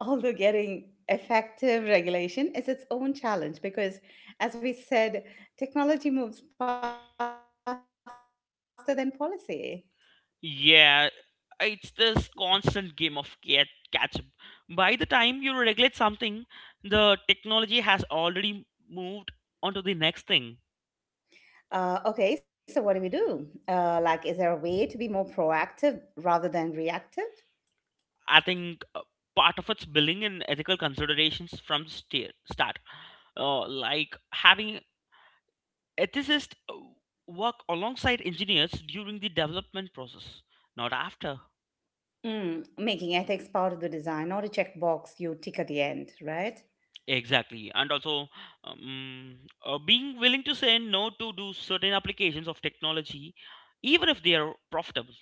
A: Although getting effective regulation is its own challenge because, as we said, technology moves faster than policy.
B: Yeah, it's this constant game of cat catch up. By the time you regulate something, the technology has already moved on to the next thing.
A: Uh, okay, so what do we do? Uh, like, is there a way to be more proactive rather than reactive?
B: I think uh, part of it's billing and ethical considerations from the sta- start. Uh, like having ethicists uh, work alongside engineers during the development process, not after.
A: Mm, making ethics part of the design, not a checkbox you tick at the end, right?
B: Exactly, and also um, uh, being willing to say no to do certain applications of technology, even if they are profitable.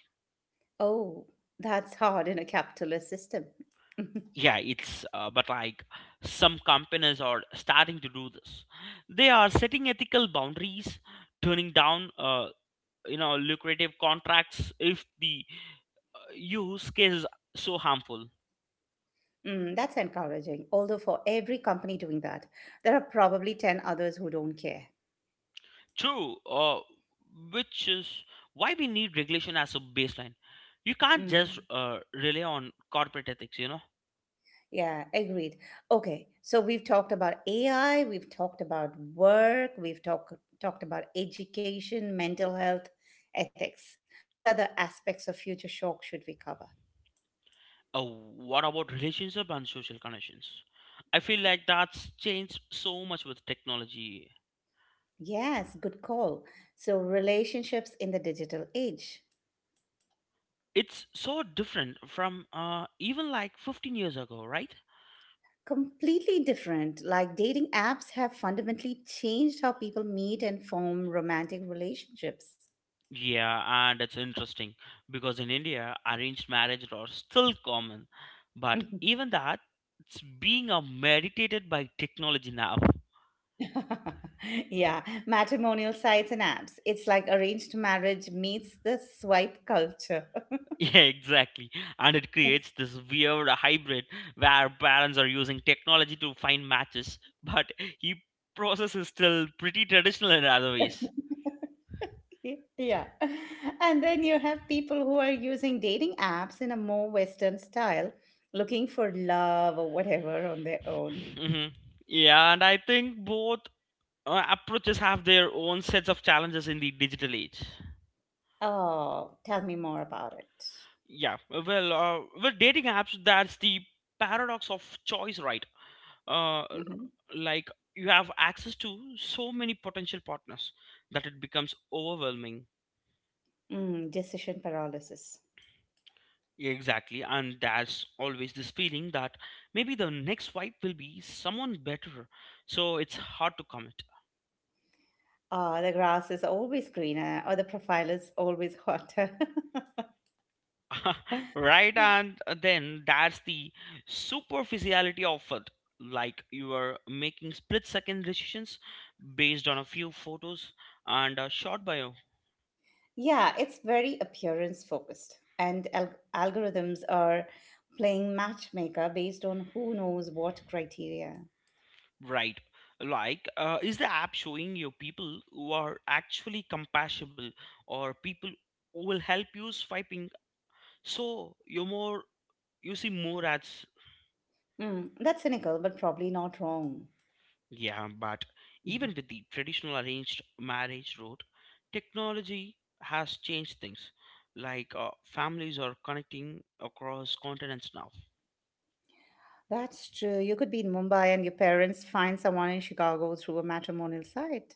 A: Oh, that's hard in a capitalist system.
B: Yeah, it's uh, but like some companies are starting to do this. They are setting ethical boundaries, turning down uh, you know lucrative contracts if the uh, use case is so harmful.
A: Mm, that's encouraging. Although, for every company doing that, there are probably ten others who don't care.
B: True, uh, which is why we need regulation as a baseline. You can't just
A: Mm,
B: uh, rely on corporate ethics, you know.
A: yeah, agreed. Okay, so we've talked about A I, we've talked about work, we've talk, talked about education, mental health, ethics. What other aspects of future shock should we cover?
B: Uh, what about relationship and social connections? I feel like that's changed so much with technology.
A: Yes, good call. So, relationships in the digital age.
B: It's so different from uh, even like fifteen years ago, right?
A: Completely different. Like, dating apps have fundamentally changed how people meet and form romantic relationships.
B: Yeah, and it's interesting because in India, arranged marriage are still common, but even that, it's being uh, meditated by technology now.
A: Yeah, matrimonial sites and apps. It's like arranged marriage meets the swipe culture.
B: Yeah, exactly. And it creates this weird hybrid where parents are using technology to find matches, but he process is still pretty traditional in other ways.
A: Yeah. And then you have people who are using dating apps in a more Western style, looking for love or whatever on their own.
B: Hmm. Yeah, and I think both uh, approaches have their own sets of challenges in the digital age.
A: Oh, tell me more about it.
B: Yeah, well, uh, with dating apps, that's the paradox of choice, right? Uh,
A: Hmm.
B: like you have access to so many potential partners that it becomes overwhelming.
A: Mm, decision paralysis.
B: Exactly, and there's always this feeling that maybe the next wipe will be someone better, so it's hard to commit.
A: Oh, the grass is always greener, or the profile is always hotter.
B: right, and then that's the superficiality of it. Like you are making split second decisions based on a few photos and a short bio.
A: Yeah, it's very appearance focused, and al- algorithms are playing matchmaker based on who knows what criteria.
B: Right, like uh, is the app showing you people who are actually compatible or people who will help you swiping? So you more you see more ads.
A: Mm, that's cynical, but probably not wrong.
B: Yeah, but
A: Mhm.
B: even with the traditional arranged marriage route, technology has changed things. Like uh, families are connecting across continents now.
A: That's true. You could be in Mumbai and your parents find someone in Chicago through a matrimonial site.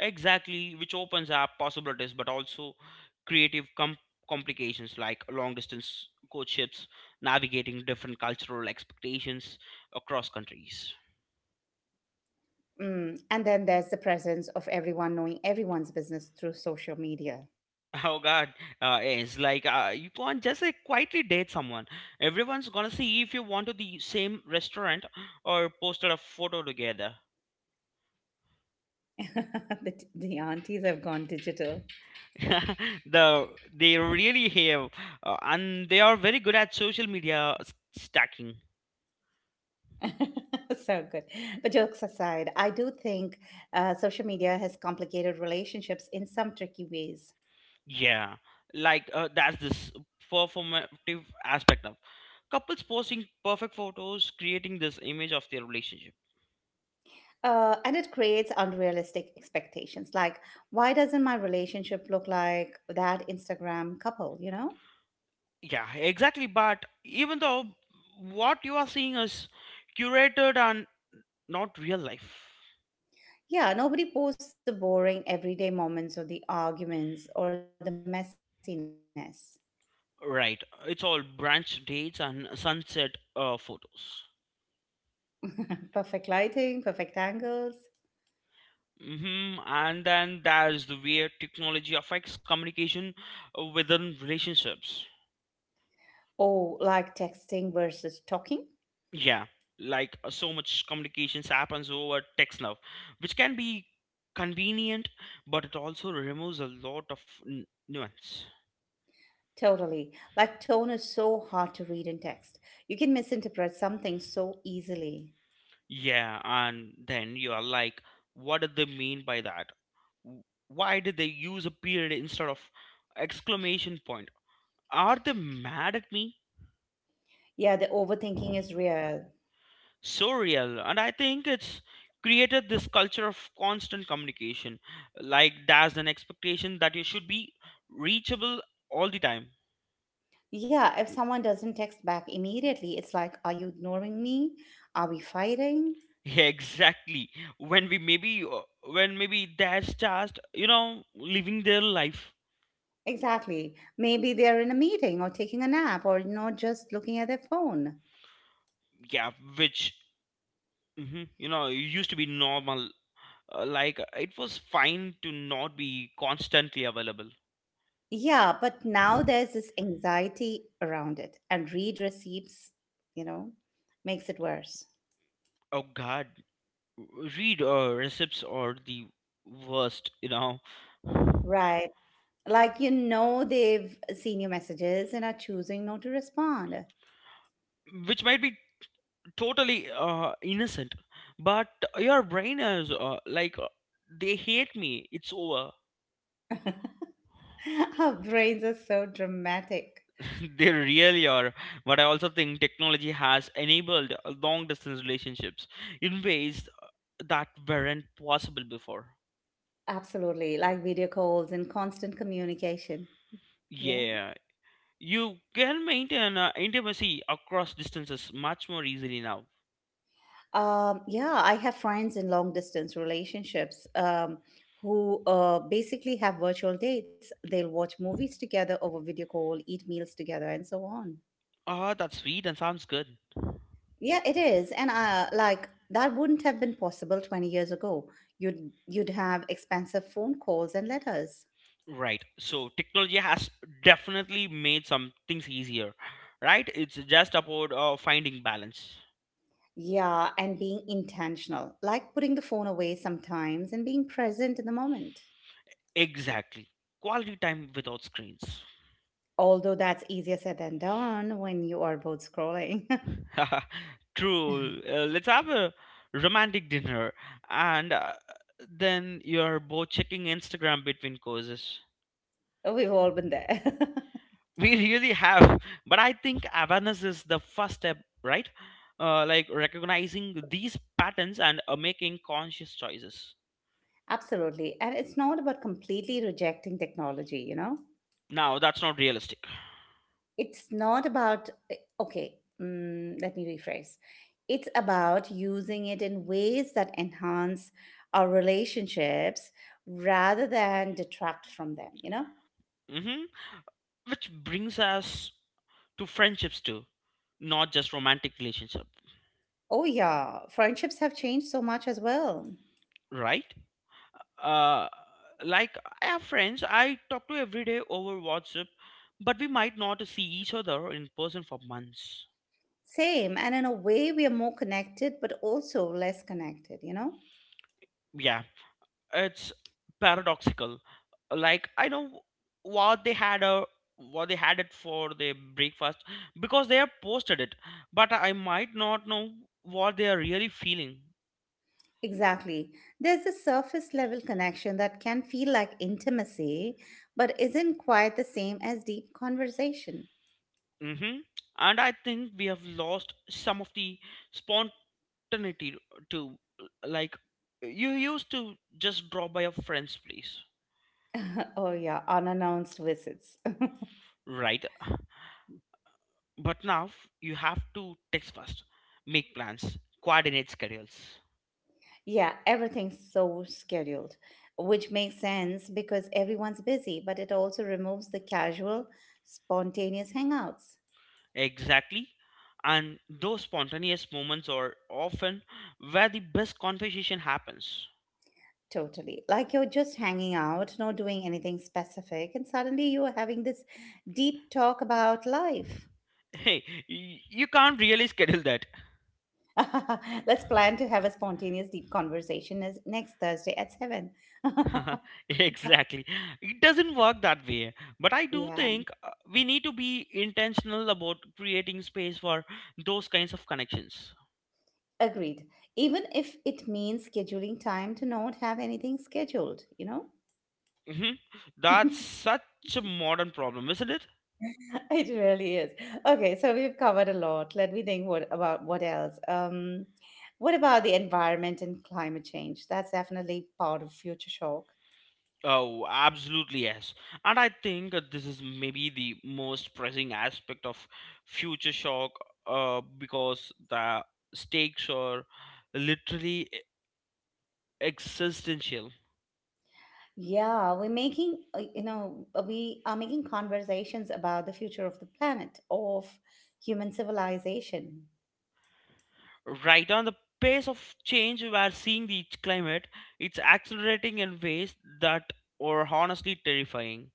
B: Exactly, which opens up possibilities, but also creative com- complications like long distance courtships, navigating different cultural expectations across countries.
A: Mm. And then there's the presence of everyone knowing everyone's business through social media.
B: Oh God, uh, it's like uh, you can't just like quietly date someone. Everyone's gonna see if you want to the same restaurant or posted a photo together.
A: The, t- the aunties have gone digital.
B: the they really have, uh, and they are very good at social media s- stacking.
A: So good. But jokes aside, I do think uh, social media has complicated relationships in some tricky ways.
B: Yeah, like uh, that's this performative aspect of couples posting perfect photos, creating this image of their relationship.
A: Uh, and it creates unrealistic expectations. Like, why doesn't my relationship look like that Instagram couple, you know?
B: Yeah, exactly. But even though what you are seeing is curated and not real life.
A: Yeah, nobody posts the boring everyday moments or the arguments or the messiness.
B: Right. It's all branch dates and sunset uh, photos.
A: Perfect lighting, perfect angles.
B: Mm-hmm. And then there's the way technology affects communication uh, within relationships.
A: Oh, like texting versus talking.
B: Yeah, like uh, so much communications happens over text now, which can be convenient, but it also removes a lot of n- nuance.
A: Totally. Like tone is so hard to read in text. You can misinterpret something so easily.
B: Yeah, and then you are like, what did they mean by that? W- Why did they use a period instead of exclamation point? Are they mad at me?
A: Yeah, the overthinking is real.
B: So real. And I think it's created this culture of constant communication. Like there's an expectation that you should be reachable all the time.
A: Yeah, if someone doesn't text back immediately, it's like, are you ignoring me? Are we fighting?
B: Yeah, exactly. When we maybe, uh, when maybe that's just, you know, living their life.
A: Exactly. Maybe they're in a meeting or taking a nap or not just looking at their phone.
B: Yeah, which, hmm, you know, used to be normal. Uh, like it was fine to not be constantly available.
A: Yeah, but now there's this anxiety around it, and read receipts, you know, makes it worse.
B: Oh God, read uh, recipes are the worst you know
A: Right. like you know they've seen your messages and are choosing not to respond.
B: Which might be totally uh, innocent but your brain is uh, like uh, they hate me, it's over.
A: Our brains are so dramatic.
B: they really are, but I also think technology has enabled uh, long distance relationships in ways that weren't possible before.
A: Absolutely, like video calls and constant communication. Yeah.
B: Yeah, you can maintain uh, intimacy across distances much more easily now.
A: Um, yeah, I have friends in long distance relationships um, who uh, basically have virtual dates. They'll watch movies together over video call, eat meals together, and so on.
B: Ah, that's sweet and sounds good.
A: Yeah, it is. And uh, like that wouldn't have been possible twenty years ago. You'd you'd have expensive phone calls and letters.
B: Right. So technology has definitely made some things easier, right? It's just about uh, finding balance.
A: Yeah, and being intentional, like putting the phone away sometimes and being present in the moment.
B: Exactly. Quality time without screens.
A: Although that's easier said than done when you are both scrolling.
B: True. Uh, let's have a romantic dinner and uh, then you're both checking Instagram between courses.
A: We've all been there.
B: We really have, but I think awareness is the first step, right? Uh, like recognizing these patterns and uh, making conscious choices.
A: Absolutely. And it's not about completely rejecting technology, you know?
B: Now, that's not realistic.
A: It's not about, eh, okay, mm, let me rephrase. It's about using it in ways that enhance our relationships rather than detract from them, you know?
B: Hmm. Which brings us to friendships too, not just romantic relationship,
A: Oh, yeah, friendships have changed so much as well.
B: right? Uh, like I have friends I talk to every day over WhatsApp, but we might not see each other in person for months.
A: Same, and in a way, we are more connected, but also less connected, you know?
B: Yeah, it's paradoxical. Like I know what they had a what they had it for their breakfast because they have posted it, but I might not know what they are really feeling.
A: Exactly. There's a surface level connection that can feel like intimacy, but isn't quite the same as deep conversation.
B: Mm-hmm. And I think we have lost some of the spontaneity too. Like, you used to just drop by your friend's place,
A: Oh, yeah, unannounced visits.
B: right? But now you have to text first, make plans, coordinate schedules.
A: Yeah, everything's so scheduled, which makes sense because everyone's busy, but it also removes the casual, spontaneous hangouts.
B: Exactly. And those spontaneous moments are often where the best conversation happens.
A: Totally. Like you're just hanging out, not doing anything specific, and suddenly you're having this deep talk about life.
B: Hey, y- you can't really schedule that.
A: Let's plan to have a spontaneous deep conversation as- next Thursday at seven.
B: exactly. It doesn't work that way. But I do
A: Yeah,
B: think uh, we need to be intentional about creating space for those kinds of connections.
A: agreed. Even if it means scheduling time to not have anything scheduled, you know?
B: Hmm. That's such a modern problem, isn't it?
A: It really is. Okay, so we've covered a lot. Let me think what about what else? Um, what about the environment and climate change? That's definitely part of future shock.
B: Oh, absolutely, yes. And I think that this is maybe the most pressing aspect of Future Shock uh, because the stakes are literally e-, existential.
A: Yeah, we're making, uh, you know, uh, we are making conversations about the future of the planet, of human civilization.
B: Right on the pace of change we are seeing the climate, it's accelerating in ways that are honestly terrifying.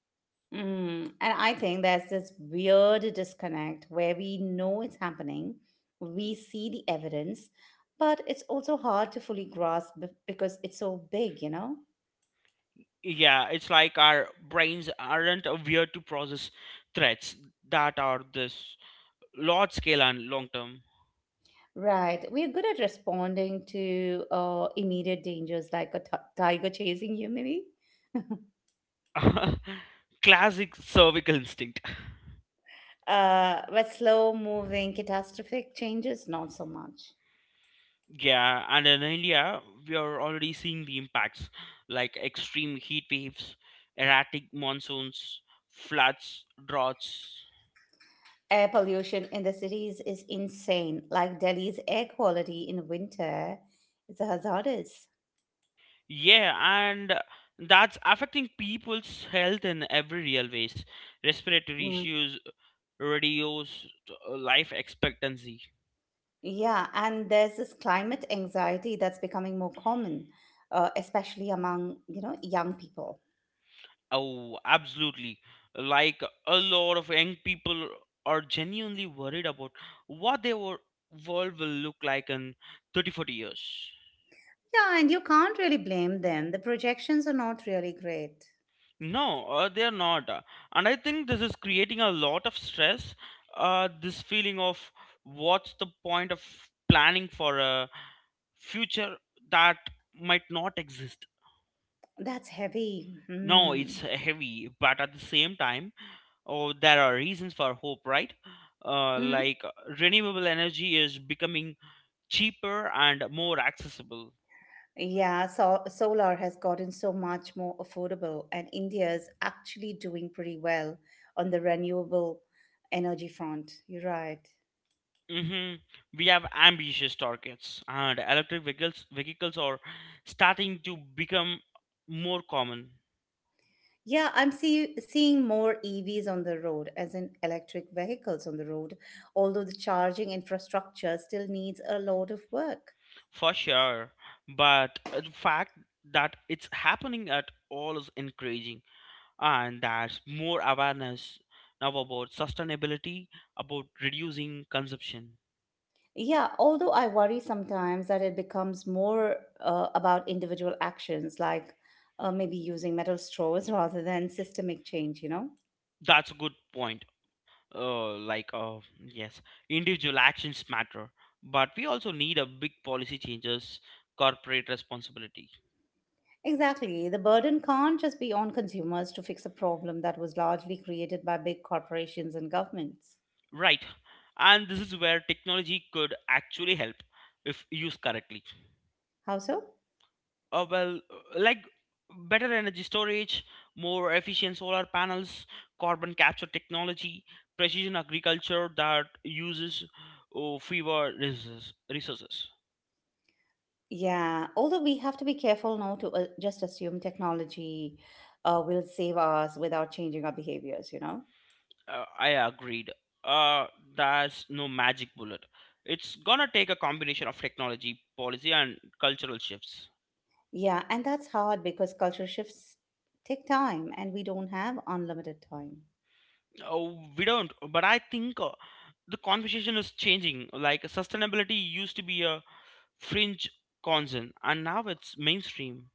A: Mm. And I think there's this weird disconnect where we know it's happening, we see the evidence, but it's also hard to fully grasp be- because it's so big, you know?
B: Yeah, it's like our brains aren't aware to process threats that are this large scale and long term.
A: Right. We're good at responding to uh, immediate dangers like a t- tiger chasing you, maybe.
B: Classic cervical instinct.
A: Uh, but slow moving catastrophic changes, not so much.
B: Yeah, and in India, we are already seeing the impacts like extreme heat waves, erratic monsoons, floods, droughts.
A: Air pollution in the cities is insane. Like Delhi's air quality in winter is hazardous.
B: Yeah, and that's affecting people's health in every real ways. Respiratory
A: Mm.
B: issues, reduce life expectancy.
A: Yeah, and there's this climate anxiety that's becoming more common, uh, especially among, you know, young people.
B: Oh, absolutely. Like a lot of young people are genuinely worried about what their wor- world will look like in thirty, forty years.
A: Yeah, and you can't really blame them. The projections are not really great.
B: No, uh, they are not. Uh, And I think this is creating a lot of stress. Uh, this feeling of what's the point of planning for a future that might not exist.
A: That's heavy.
B: No, it's heavy, but at the same time, oh, there are reasons for hope, right? Uh,
A: Mm.
B: like uh, renewable energy is becoming cheaper and more accessible.
A: Yeah, so solar has gotten so much more affordable, and India is actually doing pretty well on the renewable energy front. You're right.
B: Hmm. We have ambitious targets, and electric vehicles vehicles are starting to become more common.
A: Yeah, I'm see, seeing more E Vs on the road, as in electric vehicles on the road, although the charging infrastructure still needs a lot of work.
B: For sure. But uh, the fact that it's happening at all is encouraging, and there's more awareness now about sustainability, about reducing consumption.
A: Yeah, although I worry sometimes that it becomes more uh, about individual actions, like uh, maybe using metal straws rather than systemic change, you know?
B: That's a good point. Uh, like, uh, yes, individual actions matter, but we also need a big policy changes, corporate responsibility.
A: Exactly. The burden can't just be on consumers to fix a problem that was largely created by big corporations and governments.
B: Right. And this is where technology could actually help if used correctly.
A: How so?
B: Uh, well, uh, like better energy storage, more efficient solar panels, carbon capture technology, precision agriculture that uses uh, fewer resources. resources.
A: Yeah, although we have to be careful not to uh, just assume technology uh, will save us without changing our behaviors, you know?
B: Uh, I agreed. Uh, that's no magic bullet. It's gonna take a combination of technology, policy, and cultural shifts.
A: Yeah, and that's hard because culture shifts take time and we don't have unlimited time.
B: Oh, we don't. But I think uh, the conversation is changing. Like sustainability used to be a fringe concern, and now it's mainstream.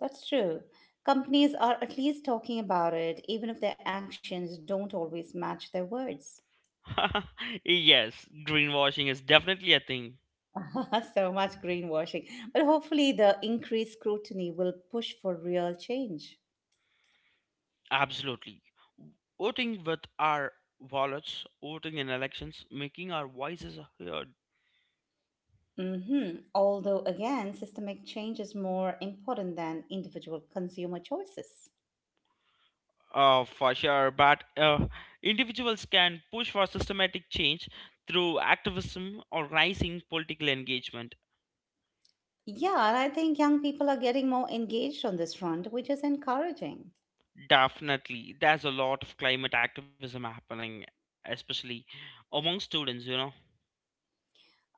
A: That's true. Companies are at least talking about it, even if their actions don't always match their words.
B: yes, greenwashing is definitely a thing.
A: So much greenwashing. But hopefully, the increased scrutiny will push for real change.
B: Absolutely. Voting with our wallets, voting in elections, making our voices heard.
A: Hmm. Although, again, systemic change is more important than individual consumer choices.
B: Uh, for sure, but uh, individuals can push for systematic change through activism or rising political engagement.
A: Yeah, and I think young people are getting more engaged on this front, which is encouraging.
B: Definitely, there's a lot of climate activism happening, especially among students. You know,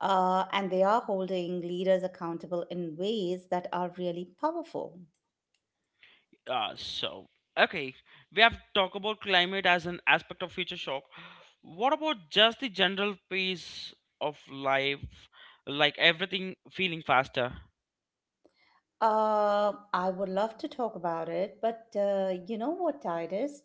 A: Uh, and they are holding leaders accountable in ways that are really powerful.
B: uh, So okay, we have talked about climate as an aspect of future shock. What about just the general pace of life, like everything feeling faster?
A: Uh, I would love to talk about it, but uh, you know what, Titus?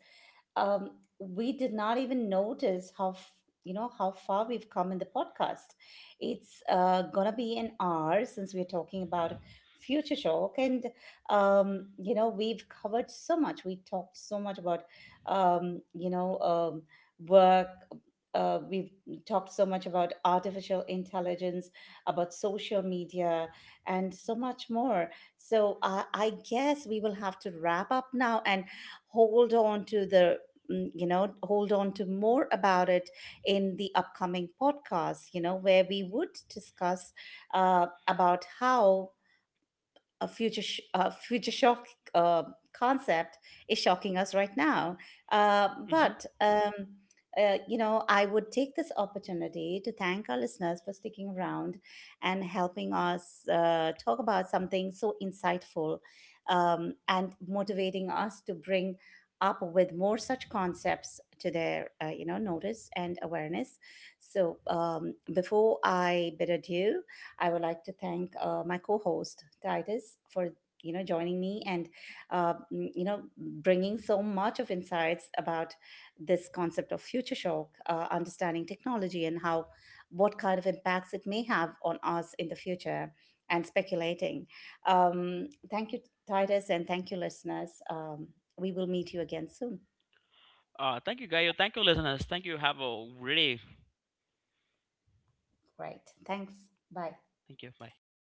A: Um, we did not even notice how f- you know how far we've come in the podcast. It's uh, gonna be an hour since we're talking about Future Shock, and um, you know we've covered so much. We talked so much about um, you know um, work. Uh, we've talked so much about artificial intelligence, about social media, and so much more. So uh, I guess we will have to wrap up now and hold on to the, mm, you know, hold on to more about it in the upcoming podcast, you know, where we would discuss uh, about how a future sh- uh, future shock uh, concept is shocking us right now. Uh,
B: Mm-hmm.
A: but um, uh, you know, I would take this opportunity to thank our listeners for sticking around and helping us uh, talk about something so insightful um, and motivating us to bring up with more such concepts to their uh, you know notice and awareness. So um, before I bid adieu. I would like to thank uh, my co-host Titus for you know joining me and uh, mm, you know bringing so much of insights about this concept of future shock, uh, understanding technology and how what kind of impacts it may have on us in the future, and speculating. Um, thank you, Titus, and thank you, listeners. Um, we will meet you again soon.
B: Uh, thank you, Gaio. Thank you, listeners. Thank you. Have a great day.
A: Great. Thanks. Bye.
B: Thank you. Bye.